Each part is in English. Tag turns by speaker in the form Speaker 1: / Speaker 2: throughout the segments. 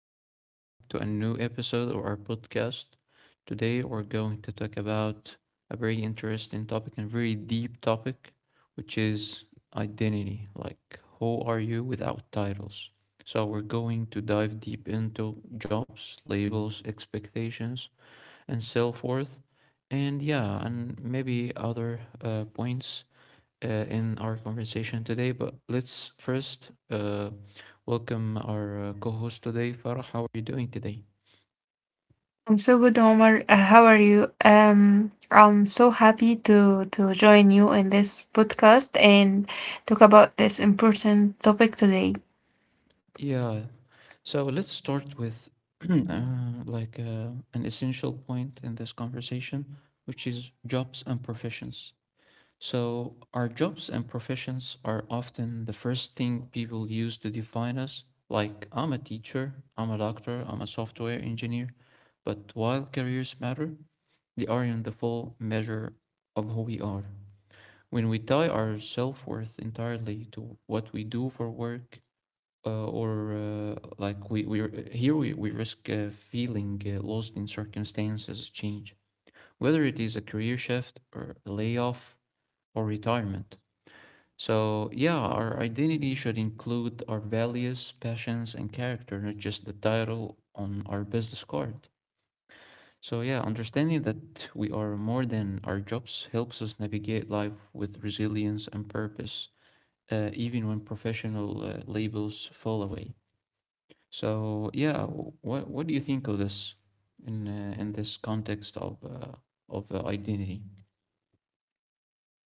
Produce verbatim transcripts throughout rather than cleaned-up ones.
Speaker 1: and welcome to a new episode of our podcast. Today, we're going to talk about a very interesting topic and very deep topic, which is identity. Like, who are you without titles? So, we're going to dive deep into jobs, labels, expectations, and self worth, and yeah, and maybe other uh, points uh, in our conversation today. But let's first uh, welcome our uh, co-host today, Farah. How are you doing today?
Speaker 2: I'm so good, Omar. Uh, how are you? Um, I'm so happy to to join you in this podcast and talk about this important topic today.
Speaker 1: Yeah, so let's start with uh, like uh, an essential point in this conversation, which is jobs and professions. So our jobs and professions are often the first thing people use to define us. Like I'm a teacher, I'm a doctor, I'm a software engineer. But while careers matter, they aren't the full measure of who we are. When we tie our self worth entirely to what we do for work, uh, or uh, like we, we here we, we risk uh, feeling uh, lost in circumstances change, whether it is a career shift or a layoff or retirement. So, yeah, our identity should include our values, passions, and character, not just the title on our business card. So, yeah, understanding that we are more than our jobs helps us navigate life with resilience and purpose, uh, even when professional uh, labels fall away. So yeah, what what do you think of this in uh, in this context of uh, of uh, identity?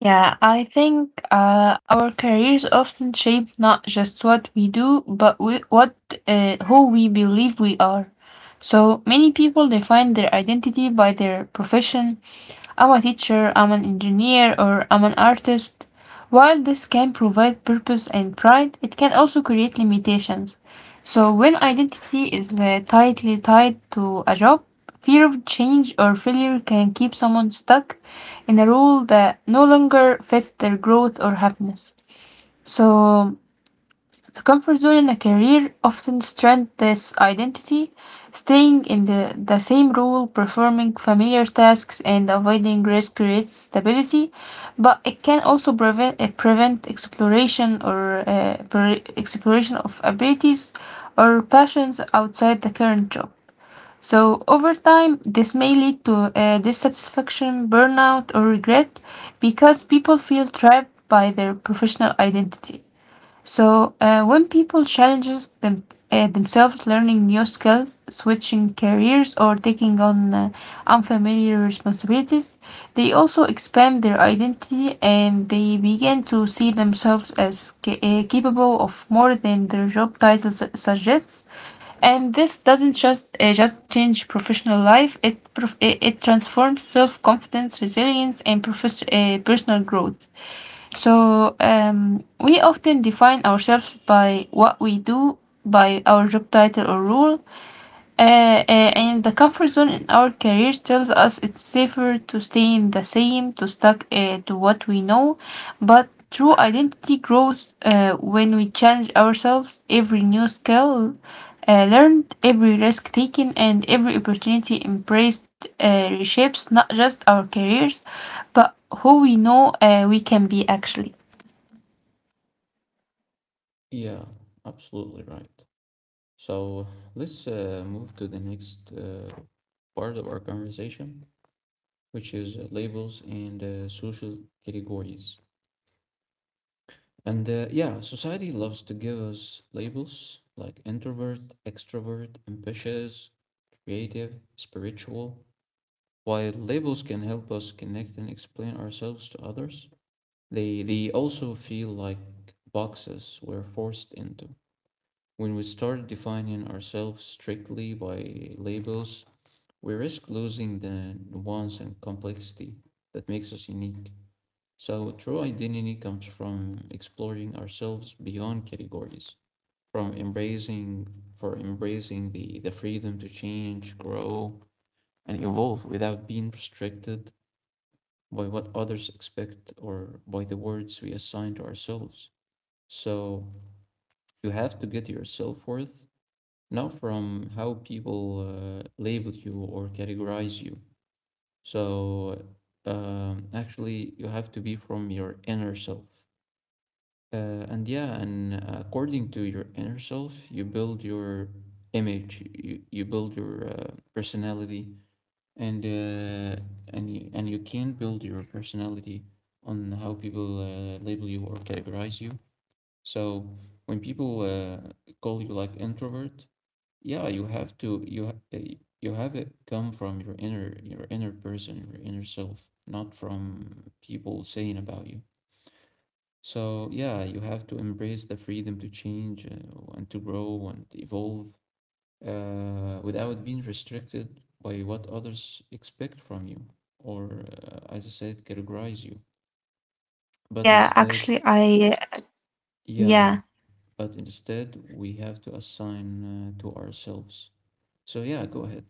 Speaker 2: Yeah, I think uh, our careers often shape not just what we do, but we, what uh, who we believe we are. So many people define their identity by their profession. I'm a teacher, I'm an engineer, or I'm an artist. While this can provide purpose and pride, it can also create limitations. So, when identity is uh, tightly tied to a job, fear of change or failure can keep someone stuck in a role that no longer fits their growth or happiness. So, the comfort zone in a career often strengthens identity. Staying in the, the same role, performing familiar tasks, and avoiding risk creates stability, but it can also prevent, uh, prevent exploration or uh, pre- exploration of abilities or passions outside the current job. So, over time, this may lead to uh, dissatisfaction, burnout, or regret because people feel trapped by their professional identity. So, uh, when people challenges them, uh, themselves learning new skills, switching careers, or taking on uh, unfamiliar responsibilities, they also expand their identity and they begin to see themselves as ca- uh, capable of more than their job title su- suggests. And this doesn't just uh, just change professional life; it prof- it, it transforms self confidence, resilience, and profes- uh, personal growth. So um, we often define ourselves by what we do, by our job title or role, uh, uh, and the comfort zone in our careers tells us it's safer to stay in the same, to stuck uh, to what we know. But true identity grows uh, when we challenge ourselves. Every new skill uh, learned, every risk taken, and every opportunity embraced uh, reshapes not just our careers, but who we know uh, we can be actually.
Speaker 1: Yeah, absolutely right. So let's uh, move to the next uh, part of our conversation, which is uh, labels and uh, social categories. And uh, yeah, society loves to give us labels like introvert, extrovert, ambitious, creative, spiritual. While labels can help us connect and explain ourselves to others, they, they also feel like boxes we're forced into. When we start defining ourselves strictly by labels, we risk losing the nuance and complexity that makes us unique. So, true identity comes from exploring ourselves beyond categories, from embracing for embracing the, the freedom to change, grow, and evolve without being restricted by what others expect or by the words we assign to ourselves. So you have to get your self worth not from how people uh, label you or categorize you. So um, actually, you have to be from your inner self. Uh, and yeah, and according to your inner self, you build your image, you, you build your uh, personality, and uh, and you, and you can build your personality on how people uh, label you or categorize you. So when people uh, call you like introvert, yeah, you have to you ha- uh, you have it come from your inner your inner person, your inner self, not from people saying about you. So yeah, you have to embrace the freedom to change uh, and to grow and evolve, uh, without being restricted by what others expect from you or, uh, as I said, categorize you. But
Speaker 2: Yeah,
Speaker 1: instead,
Speaker 2: actually, I,
Speaker 1: yeah,
Speaker 2: yeah,
Speaker 1: but instead, we have to assign uh, to ourselves. So, yeah, go ahead.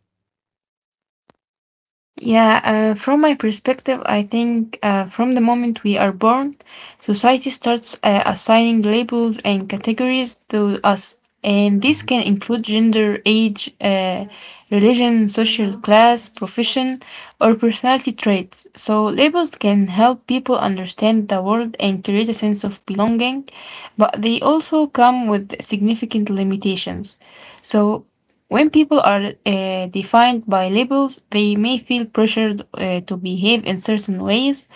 Speaker 2: yeah, uh, from my perspective, I think uh, from the moment we are born, society starts uh, assigning labels and categories to us. And this
Speaker 1: Mhm.
Speaker 2: can include gender, age, uh, religion, social class, profession, or personality traits. So labels can help people understand the world and create a sense of belonging, but they also come with significant limitations. So when people are uh, defined by labels, they may feel pressured uh, to behave in certain ways, uh,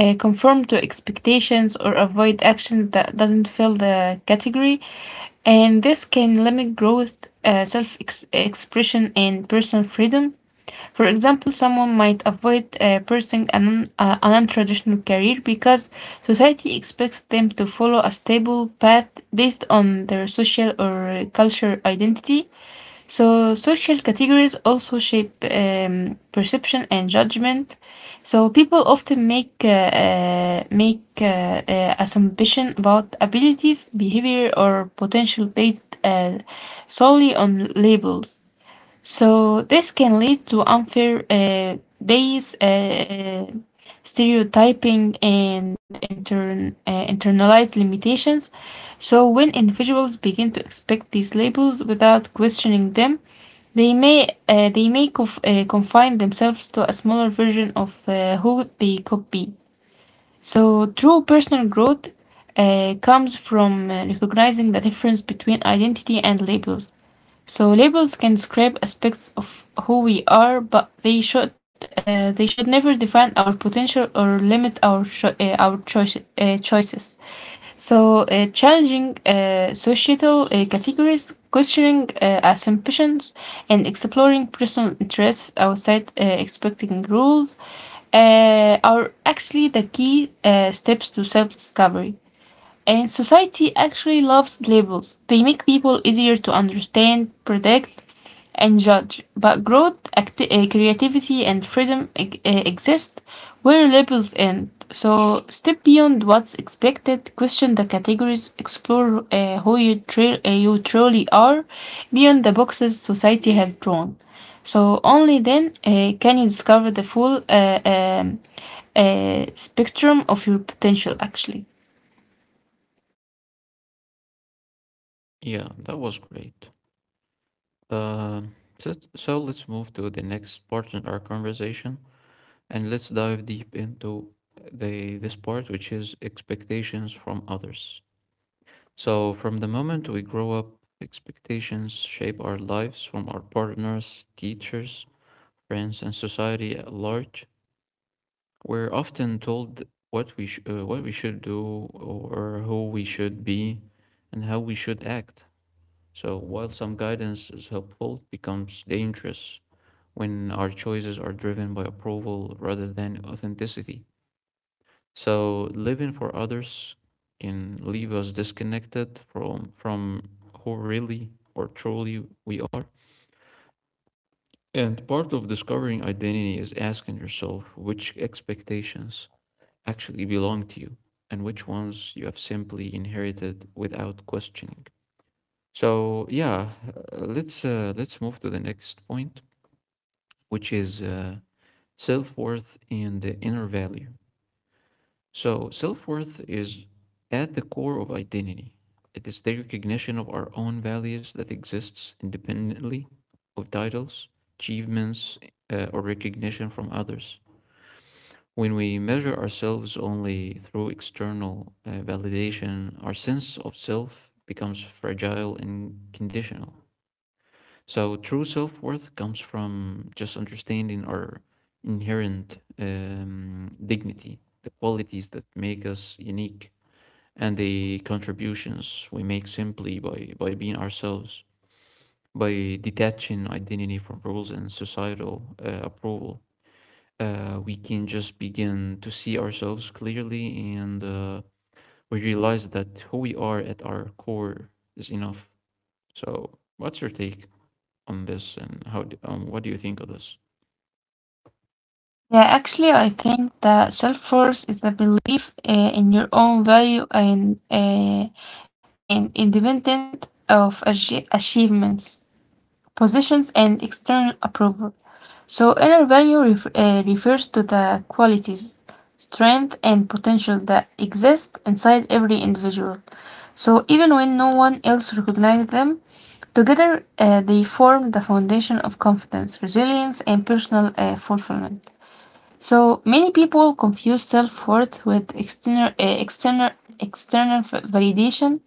Speaker 2: uh, conform to expectations, or avoid actions that doesn't fill the category, and this can limit growth, uh, self-expression, and personal freedom. For example, someone might avoid uh, pursuing an, un- uh, an untraditional career because society expects them to follow a stable path based on their social or uh, cultural identity. So, social categories also shape um, perception and judgment. So, people often make uh, uh, make uh, uh, assumption about abilities, behavior, or potential based uh, solely on labels. So this can lead to unfair uh, bias, uh, stereotyping, and intern, uh, internalized limitations. So when individuals begin to expect these labels without questioning them, they may uh, they may conf- uh, confine themselves to a smaller version of uh, who they could be. So true personal growth uh, comes from uh, recognizing the difference between identity and labels. So labels can describe aspects of who we are, but they should uh, they should never define our potential or limit our cho- uh, our choice, uh, choices. So uh, challenging uh, societal uh, categories, questioning uh, assumptions, and exploring personal interests outside uh, expecting rules uh, are actually the key uh, steps to self-discovery. And society actually loves labels. They make people easier to understand, predict, and judge, but growth, acti- uh, creativity, and freedom ex- uh, exist where labels end. So step beyond what's expected, question the categories, explore uh, who you, tru- uh, you truly are beyond the boxes society has drawn. So only then uh, can you discover the full uh, um, uh, spectrum of your potential actually.
Speaker 1: Yeah, that was great. Um, so, so let's move to the next part in our conversation and let's dive deep into the this part, which is expectations from others. So, from the moment we grow up, expectations shape our lives from our partners, teachers, friends, and society at large. We're often told what we sh- uh, what we should do or who we should be and how we should act. So, while some guidance is helpful, it becomes dangerous when our choices are driven by approval rather than authenticity. So living for others can leave us disconnected from from who really or truly we are. And part of discovering identity is asking yourself which expectations actually belong to you and which ones you have simply inherited without questioning. So yeah, uh, let's uh, let's move to the next point, which is uh, self worth and the inner value. So self worth is at the core of identity. It is the recognition of our own values that exists independently of titles, achievements, uh, or recognition from others. When we measure ourselves only through external uh, validation, our sense of self becomes fragile and conditional. So, true self worth comes from just understanding our inherent um, dignity, the qualities that make us unique and the contributions we make simply by, by being ourselves, by detaching identity from rules and societal uh, approval. Uh, we can just begin to see ourselves clearly, and uh, we realize that who we are at our core is enough. So, what's your take on this and how, d- um, what do you think of this?
Speaker 2: Yeah, actually, I think that self-worth is the belief uh, in your own value and uh, and independent of achie- achievements, positions, and external approval. So, inner value ref uh, refers to the qualities, strength, and potential that exist inside every individual. So, even when no one else recognizes them, together uh, they form the foundation of confidence, resilience, and personal uh, fulfillment. So many people confuse self-worth with external, uh, external, external v- validation,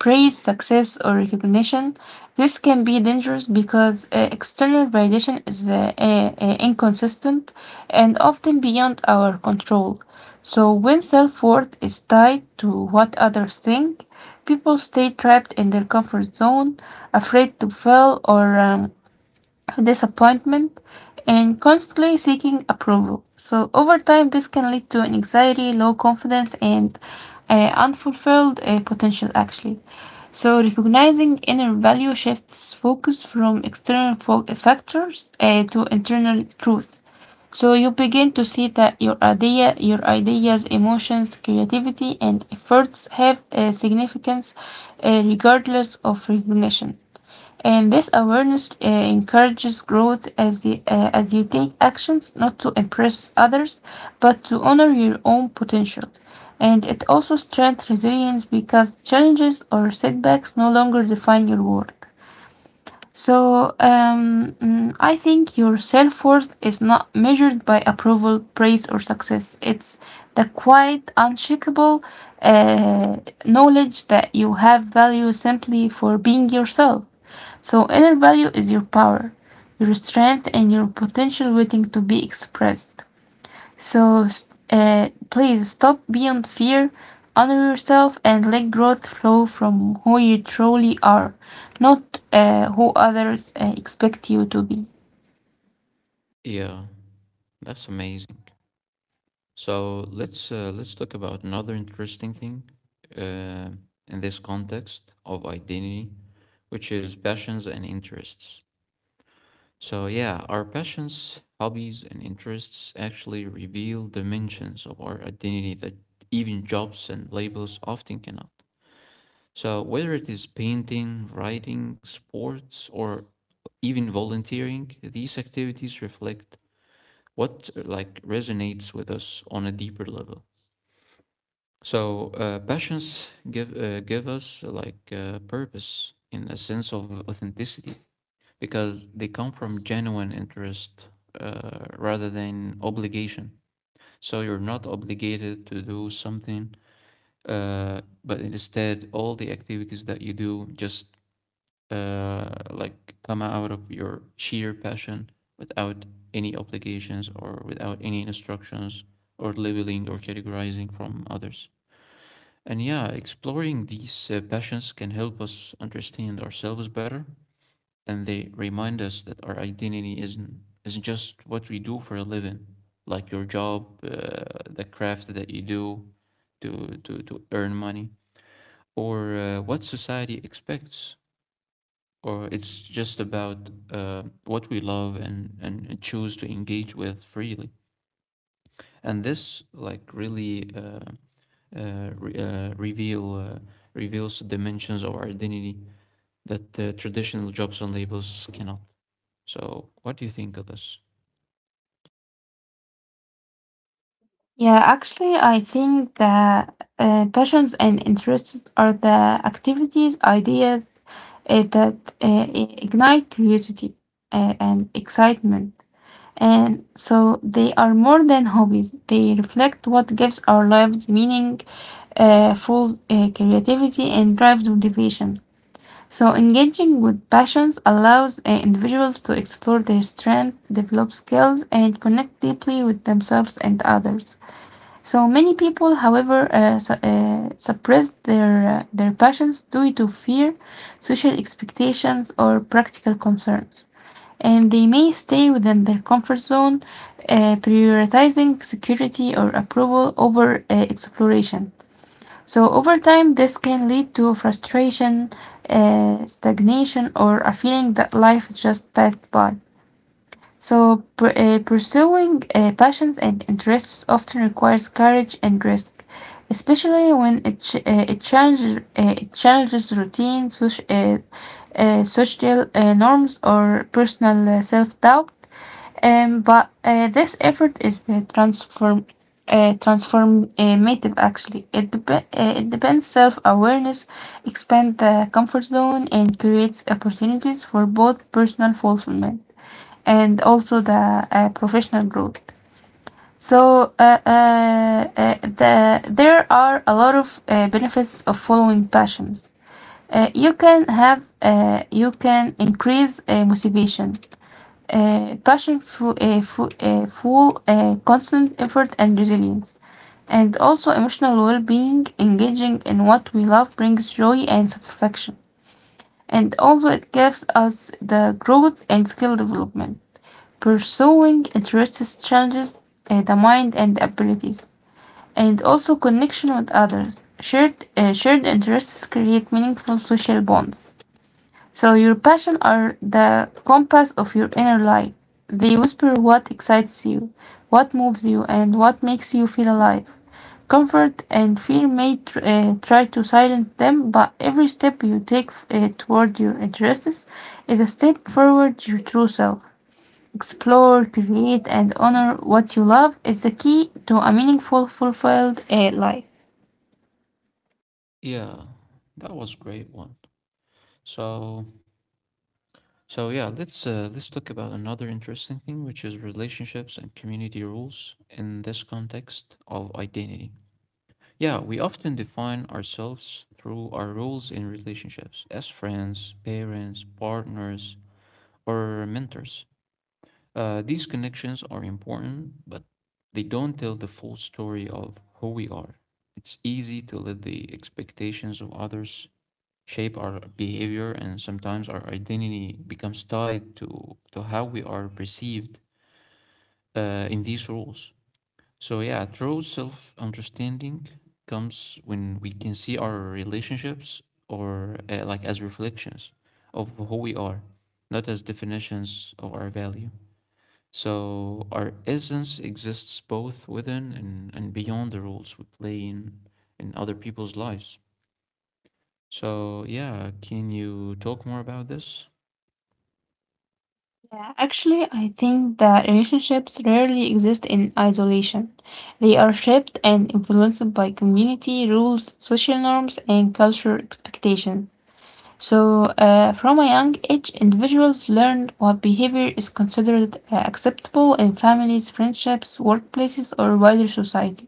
Speaker 2: praise, success, or recognition. This can be dangerous because uh, external validation is uh, uh, uh, inconsistent and often beyond our control. So when self-worth is tied to what others think, people stay trapped in their comfort zone, afraid to fail or um, disappointment, and constantly seeking approval. So, over time, this can lead to an anxiety, low confidence, and uh, unfulfilled uh, potential, actually. So, recognizing inner value shifts focus from external fo- factors uh, to internal truth. So, you begin to see that your idea, your ideas, emotions, creativity, and efforts have uh, significance uh, regardless of recognition. And this awareness uh, encourages growth as, the, uh, as you take actions not to impress others, but to honor your own potential. And it also strengthens resilience because challenges or setbacks no longer define your worth. So um, mm, I think your self worth is not measured by approval, praise, or success. It's the quiet, unshakable uh, knowledge that you have value simply for being yourself. So, inner value is your power, your strength, and your potential waiting to be expressed. So, s- uh, please stop beyond fear, honor yourself, and let growth flow from who you truly are, not uh, who others uh, expect you to be.
Speaker 1: Yeah, that's amazing. So let's uh, let's talk about another interesting thing, uh, in this context of identity, which is passions and interests. So yeah, our passions, hobbies, and interests actually reveal dimensions of our identity that even jobs and labels often cannot. So whether it is painting, writing, sports, or even volunteering, these activities reflect what uh, like resonates with us on a deeper level. So uh, passions give uh, give us like uh, purpose in a sense of authenticity because they come from genuine interest uh, rather than obligation. So you're not obligated to do something, uh, but instead all the activities that you do just uh, like come out of your sheer passion without any obligations or without any instructions or labeling or categorizing from others. And yeah, exploring these uh, passions can help us understand ourselves better, and they remind us that our identity isn't isn't just what we do for a living, like your job, uh, the craft that you do to to to earn money, or uh, what society expects. Or it's just about uh, what we love and, and and choose to engage with freely. And this like really uh, uh, re- uh, reveal uh, reveals the dimensions of our identity that the traditional jobs and labels cannot. So, what do you think of this?
Speaker 2: Yeah, actually, I think that uh, passions and interests are the activities, ideas uh, that uh, i- ignite curiosity uh, and excitement. And so they are more than hobbies. They reflect what gives our lives meaning, uh, fuels uh, creativity, and drives motivation. So engaging with passions allows uh, individuals to explore their strengths, develop skills, and connect deeply with themselves and others. So many people, however, uh, su- uh, suppress their uh, their passions due to fear, social expectations, or practical concerns, and they may stay within their comfort zone, uh, prioritizing security or approval over uh, exploration. So, over time, this can lead to frustration, uh, stagnation, or a feeling that life just passed by. So, pr- uh, pursuing uh, passions and interests often requires courage and risk, especially when it, ch- uh, it, challenges, uh, it challenges routine, soci- uh, uh, social uh, norms, or personal uh, self doubt. Um, but uh, this effort is the transform uh, transformative actually. It, dep- uh, it depends self-awareness, expand the comfort zone, and creates opportunities for both personal fulfillment and also the uh, professional growth. So uh, uh, uh, the, there are a lot of uh, benefits of following passions. Uh, you can have uh, you can increase uh, motivation. uh, passion fuel, uh, fu- uh, fuel uh, constant effort and resilience, and also emotional well being. Engaging in what we love brings joy and satisfaction, and also it gives us the growth and skill development. Pursuing interests challenges uh, the mind and abilities, and also connection with others. Shared, uh, shared interests create meaningful social bonds. So your passion are the compass of your inner life. They whisper what excites you, what moves you, and what makes you feel alive. Comfort and fear may tr- uh, try to silence them, but every step you take uh, toward your interests is a step forward to your true self. Explore, create, and honor what you love is the key to a meaningful, fulfilled uh, life.
Speaker 1: Yeah, that was great one. So, so yeah, let's uh, let's talk about another interesting thing, which is relationships and community rules in this context of identity. Yeah, we often define ourselves through our roles in relationships as friends, parents, partners, or mentors. Uh, these connections are important, but they don't tell the full story of who we are. It's easy to let the expectations of others shape our behavior, and sometimes our identity becomes tied to, to how we are perceived uh, in these roles. So, yeah, true self understanding comes when we can see our relationships or uh, like as reflections of who we are, not as definitions of our value. So our essence exists both within, and, and beyond the roles we play in, in other people's lives. So yeah, can you talk more about this?
Speaker 2: Yeah, actually, I think that relationships rarely exist in isolation. They are shaped and influenced by community rules, social norms, and cultural expectations. So, uh, from a young age, individuals learn what behavior is considered uh, acceptable in families, friendships, workplaces, or wider society.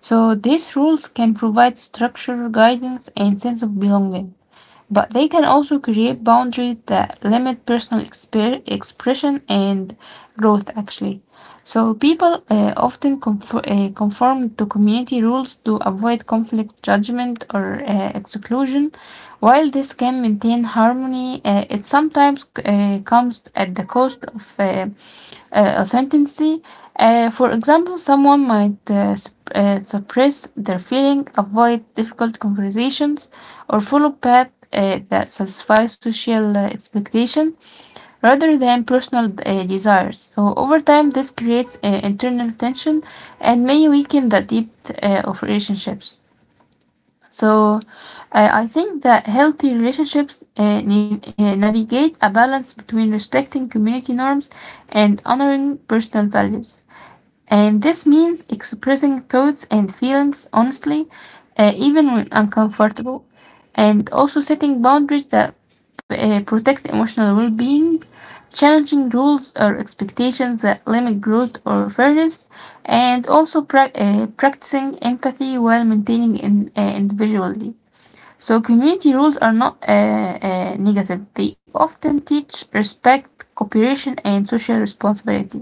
Speaker 2: So, these rules can provide structure, guidance, and sense of belonging, but they can also create boundaries that limit personal exper- expression and growth actually. So people uh, often conform, uh, conform to community rules to avoid conflict judgment or uh, exclusion. While this can maintain harmony, uh, it sometimes uh, comes at the cost of uh, uh, authenticity. Uh, for example, someone might uh, sup- uh, suppress their feeling, avoid difficult conversations, or follow path uh, that satisfy social uh, expectation rather than personal uh, desires. So over time, this creates uh, internal tension and may weaken the depth uh, of relationships. So uh, I think that healthy relationships uh, nav- uh, navigate a balance between respecting community norms and honoring personal values. And this means expressing thoughts and feelings honestly, uh, even when uncomfortable, and also setting boundaries that uh, protect emotional well being, challenging rules or expectations that limit growth or fairness, and also prac uh, practicing empathy while maintaining in, uh, individuality. So community rules are not uh, uh, negative. They often teach respect, cooperation, and social responsibility.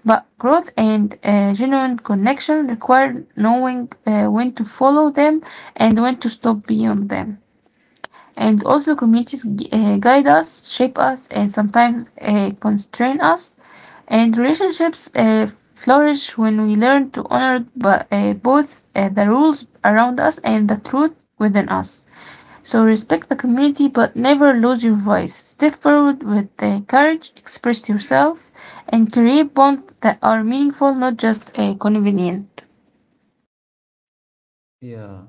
Speaker 2: But growth and uh, genuine connection require knowing uh, when to follow them and when to stop beyond them. And also, communities gu- uh, guide us, shape us, and sometimes uh, constrain us. And relationships uh, flourish when we learn to honor bu- uh, both uh, the rules around us and the truth within us. So respect the community, but never lose your voice. Step forward with the courage, express yourself, and create bonds that are meaningful, not just uh, convenient.
Speaker 1: Yeah,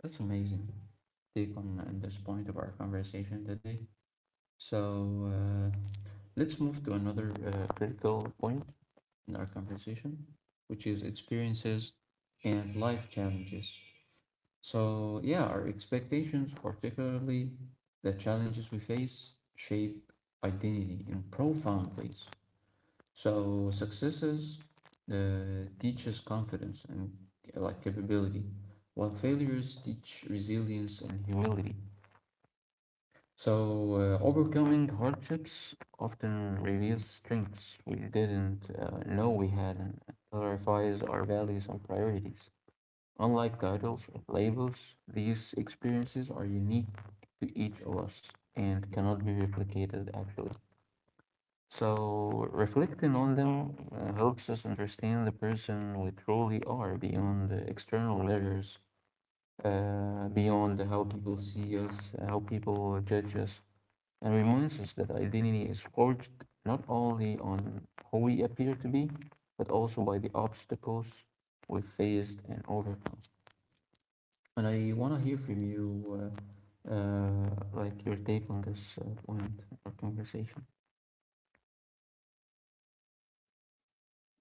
Speaker 1: that's amazing take on, on this point of our conversation today. So uh, let's move to another uh, critical point in our conversation, which is experiences and life challenges. So, yeah, our expectations, particularly the challenges we face, shape identity in profound ways. So, successes uh, teaches confidence and uh, like capability, while failures teach resilience and humility. So, uh, overcoming hardships often reveals strengths we didn't uh, know we had, and clarifies our values and priorities. Unlike titles or labels, these experiences are unique to each of us and cannot be replicated actually. So, reflecting on them uh, helps us understand the person we truly are beyond the external measures, uh, beyond how people see us, how people judge us, and reminds us that identity is forged not only on who we appear to be, but also by the obstacles we faced and overcome. And I want to hear from you, uh, uh, like your take on this uh, point of our conversation.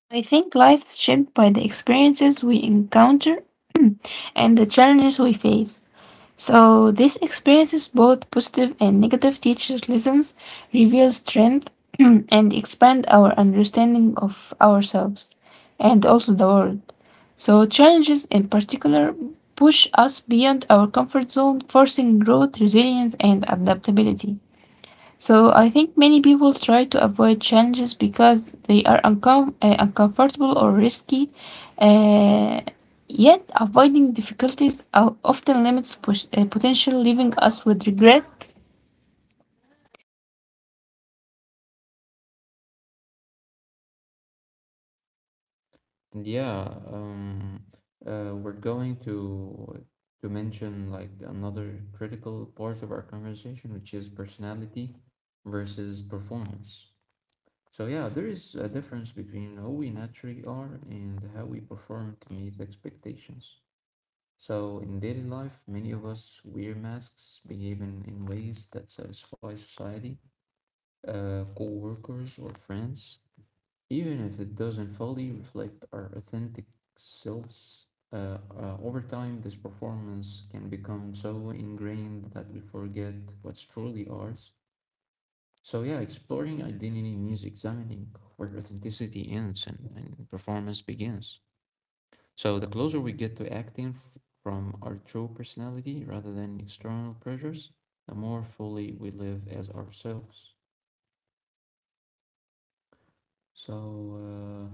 Speaker 2: I think life's shaped by the experiences we encounter and the challenges we face. So these experiences, both positive and negative, teachers' lessons, reveal strength, and expand our understanding of ourselves and also the world. So challenges in particular push us beyond our comfort zone, forcing growth, resilience, and adaptability. So I think many people try to avoid challenges because they are uncom- uh, uncomfortable or risky. Uh, yet avoiding difficulties o- often limits push- uh, potential, leaving us with regret.
Speaker 1: And yeah, um, uh, we're going to to mention like another critical part of our conversation, which is personality versus performance. So yeah, there is a difference between who we naturally are and how we perform to meet expectations. So in daily life, many of us wear masks, behaving in ways that satisfy society, uh, co-workers, or friends, even if it doesn't fully reflect our authentic selves. Uh, uh, over time, this performance can become so ingrained that we forget what's truly ours. So yeah, exploring identity means examining where authenticity ends, and, and performance begins. So the closer we get to acting f- from our true personality rather than external pressures, the more fully we live as ourselves. so uh,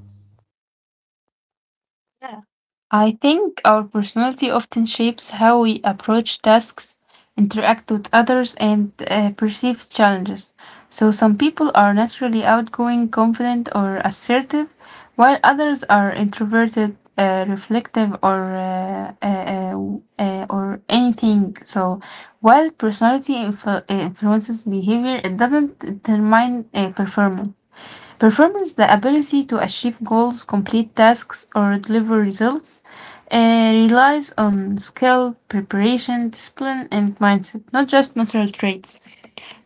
Speaker 2: Yeah, I think our personality often shapes how we approach tasks, interact with others, and uh, perceive challenges. So some people are naturally outgoing, confident, or assertive, while others are introverted, uh, reflective, or uh, uh, uh, uh, or anything. So while personality influ- uh, influences behavior, it doesn't determine uh, performance. Performance, the ability to achieve goals, complete tasks, or deliver results, uh, relies on skill, preparation, discipline, and mindset, not just natural traits.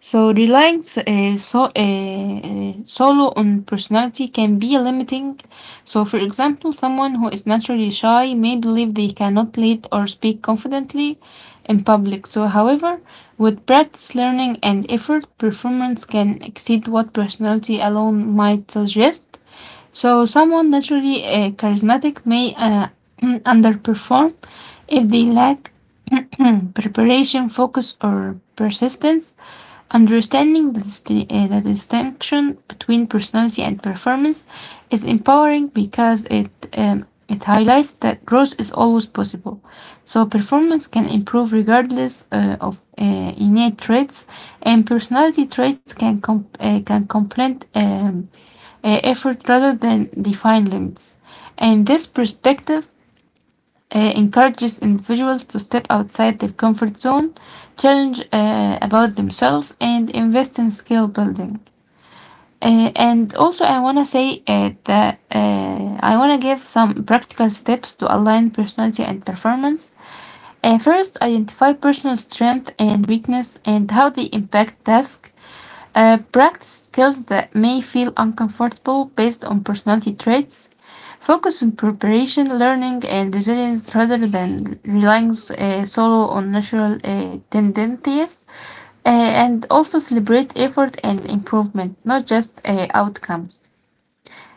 Speaker 2: So relying s- uh, so, uh, solo on personality can be limiting. So, for example, someone who is naturally shy may believe they cannot lead or speak confidently in public. So, however, with practice, learning, and effort, performance can exceed what personality alone might suggest. So someone naturally uh, charismatic may uh, underperform if they lack preparation, focus, or persistence. Understanding the, disti- uh, the distinction between personality and performance is empowering because it um, it highlights that growth is always possible. So performance can improve regardless uh, of uh, innate traits, and personality traits can com- uh, can complement um, uh, effort rather than define limits. And this perspective uh, encourages individuals to step outside their comfort zone, challenge uh, about themselves, and invest in skill building. Uh, and also, I want to say uh, that uh, I want to give some practical steps to align personality and performance. Uh, first, identify personal strength and weakness and how they impact tasks uh, practice skills that may feel uncomfortable based on personality traits. Focus on preparation, learning, and resilience rather than relying uh, solo on natural uh, tendencies. Uh, and also celebrate effort and improvement, not just uh, outcomes.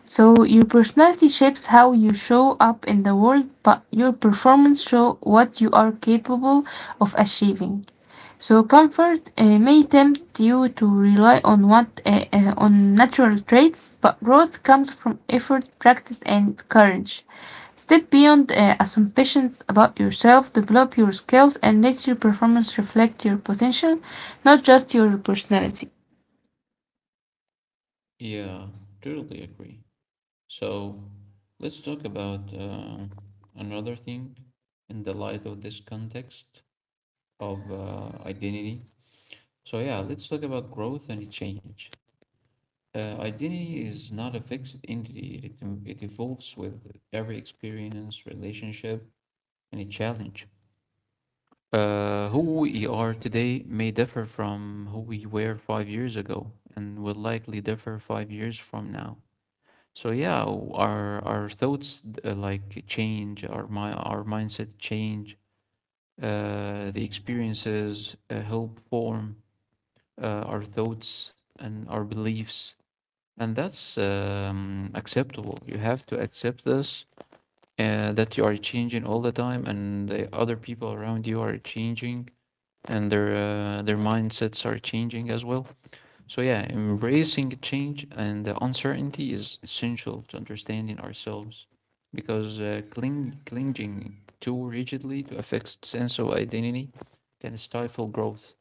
Speaker 2: So your personality shapes how you show up in the world, but your performance shows what you are capable of achieving. So comfort uh, may tempt you to rely on what uh, uh, on natural traits, but growth comes from effort, practice, and courage. Step beyond uh, assumptions about yourself, develop your skills, and let your performance reflect your potential, not just your personality.
Speaker 1: Yeah, totally agree. So let's talk about uh, another thing in the light of this context of uh, identity. So, yeah, let's talk about growth and change. Uh, identity is not a fixed entity, it, em- it evolves with every experience, relationship, and a challenge. Uh, who we are today may differ from who we were five years ago and will likely differ five years from now. So yeah, w- our our thoughts uh, like change, our mi- our mindset change. Uh, the experiences uh, help form uh, our thoughts and our beliefs, and that's um, acceptable. You have to accept this uh, that you are changing all the time, and the other people around you are changing, and their uh, their mindsets are changing as well. So yeah, embracing change and the uncertainty is essential to understanding ourselves because uh, cling, clinging too rigidly to a fixed sense of identity can stifle growth.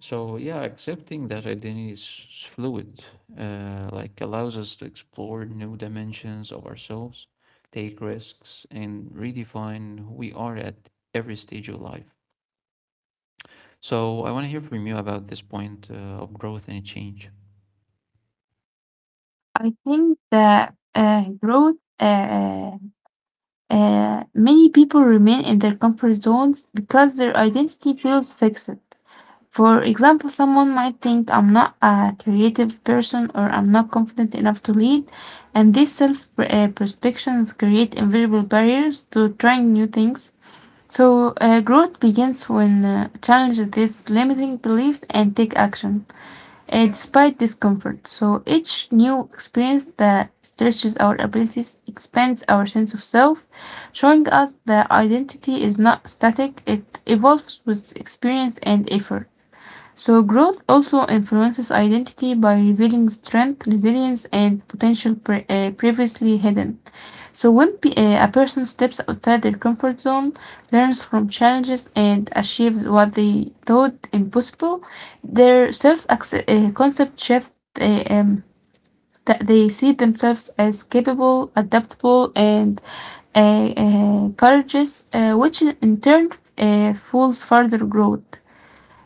Speaker 1: So yeah, accepting that identity is fluid, uh, like allows us to explore new dimensions of ourselves, take risks, and redefine who we are at every stage of life. So I want to hear from you about this point uh, of growth and change.
Speaker 2: I think that uh, growth. Uh, uh, uh, many people remain in their comfort zones because their identity feels fixed. For example, someone might think I'm not a creative person or I'm not confident enough to lead, and these self uh, perceptions create invisible barriers to trying new things. So, uh, growth begins when uh, challenge these limiting beliefs and take action uh, despite discomfort. So each new experience that stretches our abilities expands our sense of self, showing us that identity is not static, it evolves with experience and effort. So growth also influences identity by revealing strength, resilience, and potential pre- uh, previously hidden. So when pe- uh, a person steps outside their comfort zone, learns from challenges, and achieves what they thought impossible, their self uh, concept shifts. Uh, um, that they see themselves as capable, adaptable, and uh, uh, courageous, uh, which in in turn uh, fuels further growth.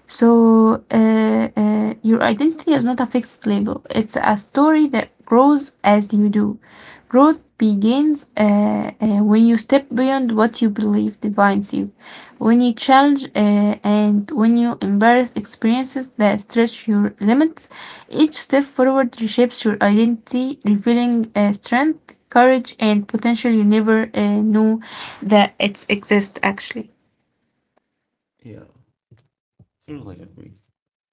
Speaker 2: So, uh, uh, your identity is not a fixed label, it's a story that grows as you do. Growth begins uh, uh, when you step beyond what you believe defines you, when you challenge uh, and when you embrace experiences that stretch your limits. Each step forward reshapes your identity, revealing uh, strength, courage, and potential you never uh, knew that it exists actually.
Speaker 1: Yeah, certainly agree.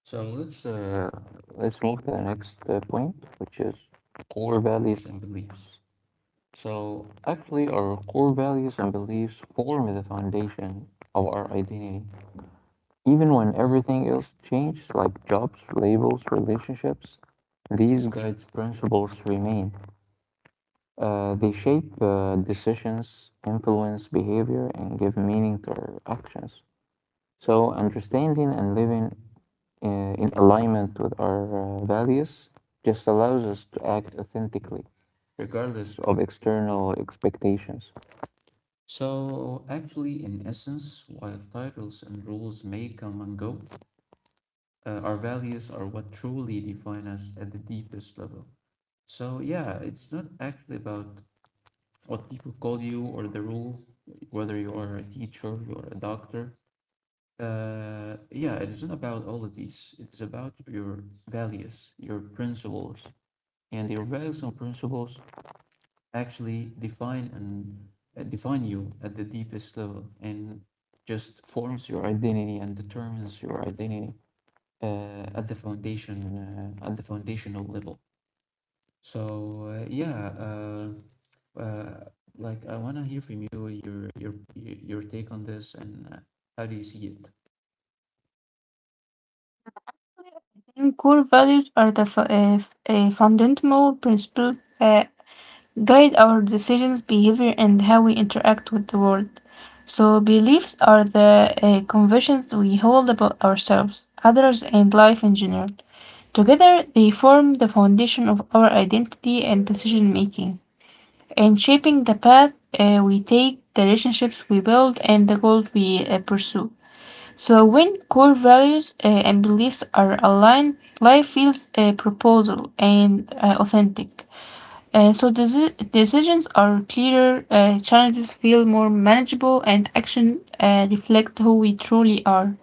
Speaker 1: So let's uh, let's move to the next uh, point, which is core values and beliefs. So actually, our core values and beliefs form the foundation of our identity. Even when everything else changes, like jobs, labels, relationships, these guides principles remain. Uh, they shape uh, decisions, influence behavior, and give meaning to our actions. So understanding and living uh, in alignment with our uh, values just allows us to act authentically, regardless of external expectations. So, actually, in essence, while titles and rules may come and go, uh, our values are what truly define us at the deepest level. So, yeah, it's not actually about what people call you or the rule, whether you are a teacher, you are a doctor. Uh, yeah, it is not about all of these. It's about your values, your principles, and your values and principles actually define and uh, define you at the deepest level, and just forms your identity and determines your identity uh, at the foundation uh, at the foundational level. So uh, yeah, uh, uh, like I wanna hear from you your your your take on this and uh, how do you see it?
Speaker 2: And core values are the fu- uh, f- uh, fundamental principles uh, guide our decisions, behavior, and how we interact with the world. So beliefs are the uh, convictions we hold about ourselves, others, and life in general. Together, they form the foundation of our identity and decision making, and shaping the path uh, we take, the relationships we build, and the goals we uh, pursue. So when core values uh, and beliefs are aligned, life feels uh, proposal and uh, authentic. And so deci- decisions are clearer, uh, challenges feel more manageable, and action uh, reflect who we truly are.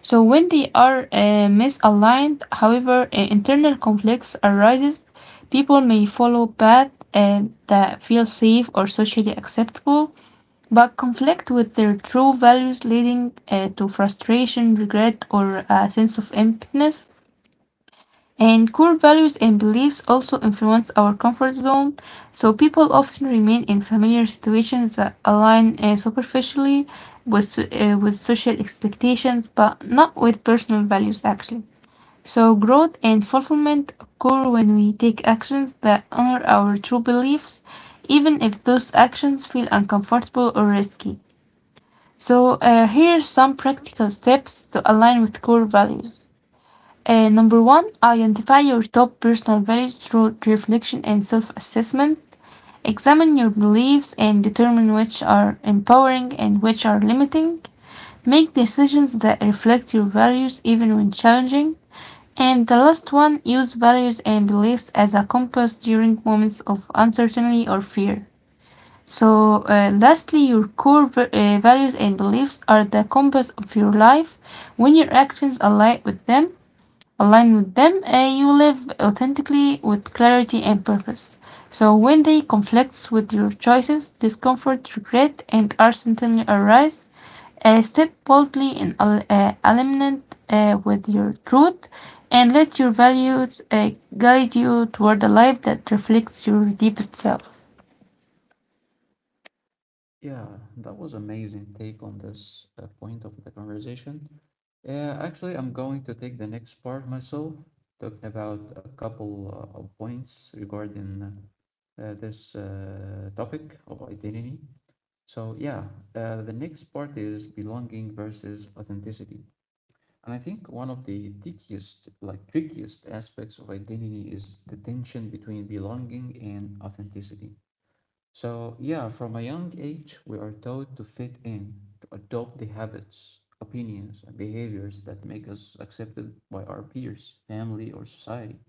Speaker 2: So when they are uh, misaligned, however, uh, internal conflicts arises. People may follow path uh, that feel safe or socially acceptable, but conflict with their true values, leading uh, to frustration, regret, or a sense of emptiness. And core values and beliefs also influence our comfort zone, so people often remain in familiar situations that align uh, superficially with, so- uh, with social expectations, but not with personal values actually. So growth and fulfillment occur when we take actions that honor our true beliefs, even if those actions feel uncomfortable or risky. So uh, here are some practical steps to align with core values. Uh, number one, identify your top personal values through reflection and self-assessment. Examine your beliefs and determine which are empowering and which are limiting. Make decisions that reflect your values even when challenging. And the last one, use values and beliefs as a compass during moments of uncertainty or fear. So, uh, lastly, your core v- uh, values and beliefs are the compass of your life. When your actions align with them, align with them, uh, you live authentically with clarity and purpose. So when they conflict with your choices, discomfort, regret, and uncertainty arise, uh, step boldly in al- uh, alignment uh, with your truth, and let your values uh, guide you toward a life that reflects your deepest self.
Speaker 1: Yeah, that was amazing take on this uh, point of the conversation. Yeah, actually, I'm going to take the next part myself, talking about a couple uh, of points regarding uh, this uh, topic of identity. So yeah, uh, the next part is belonging versus authenticity. And I think one of the trickiest, like trickiest aspects of identity is the tension between belonging and authenticity. So, yeah, from a young age, we are taught to fit in, to adopt the habits, opinions, and behaviors that make us accepted by our peers, family, or society.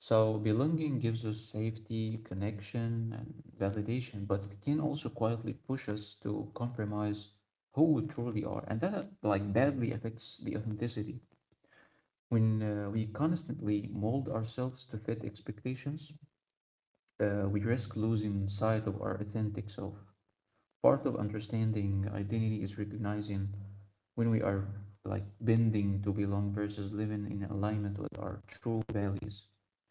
Speaker 1: So, belonging gives us safety, connection, and validation, but it can also quietly push us to compromise who we truly are, and that uh, like badly affects the authenticity. When uh, we constantly mold ourselves to fit expectations, uh, we risk losing sight of our authentic self. Part of understanding identity is recognizing when we are like bending to belong versus living in alignment with our true values.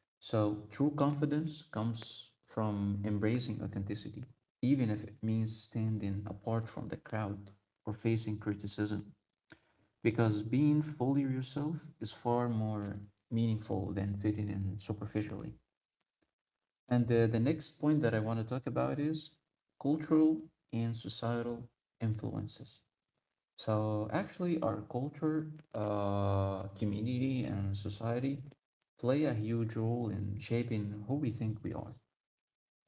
Speaker 1: So, true confidence comes from embracing authenticity, even if it means standing apart from the crowd or facing criticism. Because being fully yourself is far more meaningful than fitting in superficially. And the, the next point that I want to talk about is cultural and societal influences. So actually, our culture, uh, community, and society play a huge role in shaping who we think we are.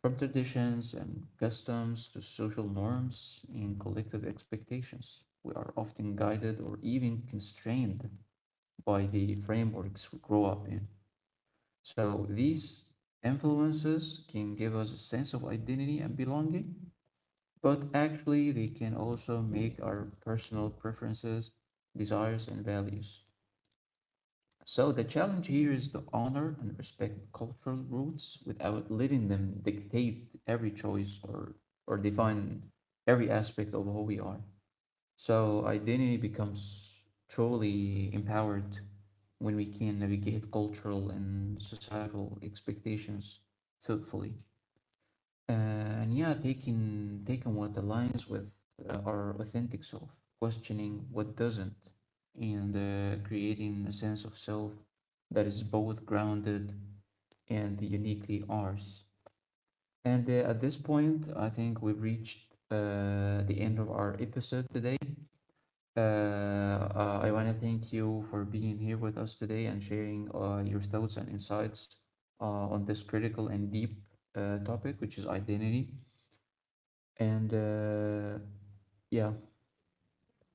Speaker 1: From traditions and customs to social norms and collective expectations, we are often guided or even constrained by the frameworks we grow up in. So these influences can give us a sense of identity and belonging, but actually, they can also make our personal preferences, desires, and values. So the challenge here is to honor and respect cultural roots without letting them dictate every choice or or define every aspect of who we are. So identity becomes truly empowered when we can navigate cultural and societal expectations thoughtfully. Uh, and yeah, taking taking what aligns with uh, our authentic self, questioning what doesn't, and uh, creating a sense of self that is both grounded and uniquely ours. And uh, At this point, I think we've reached uh, the end of our episode today. Uh, uh, I want to thank you for being here with us today and sharing uh, your thoughts and insights uh, on this critical and deep uh, topic, which is identity. And uh, yeah,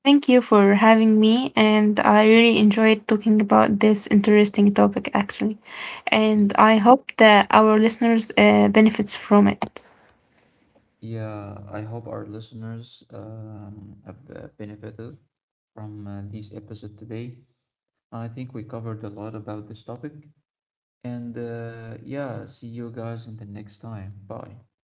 Speaker 2: Thank you for having me, and I really enjoyed talking about this interesting topic actually.
Speaker 1: y-
Speaker 2: And I hope that our listeners uh, benefits from it.
Speaker 1: yeah, I hope our listeners um, have uh, benefited from uh, this episode today. I think we covered a lot about this topic. And uh, Yeah, see you guys in the next time. Bye.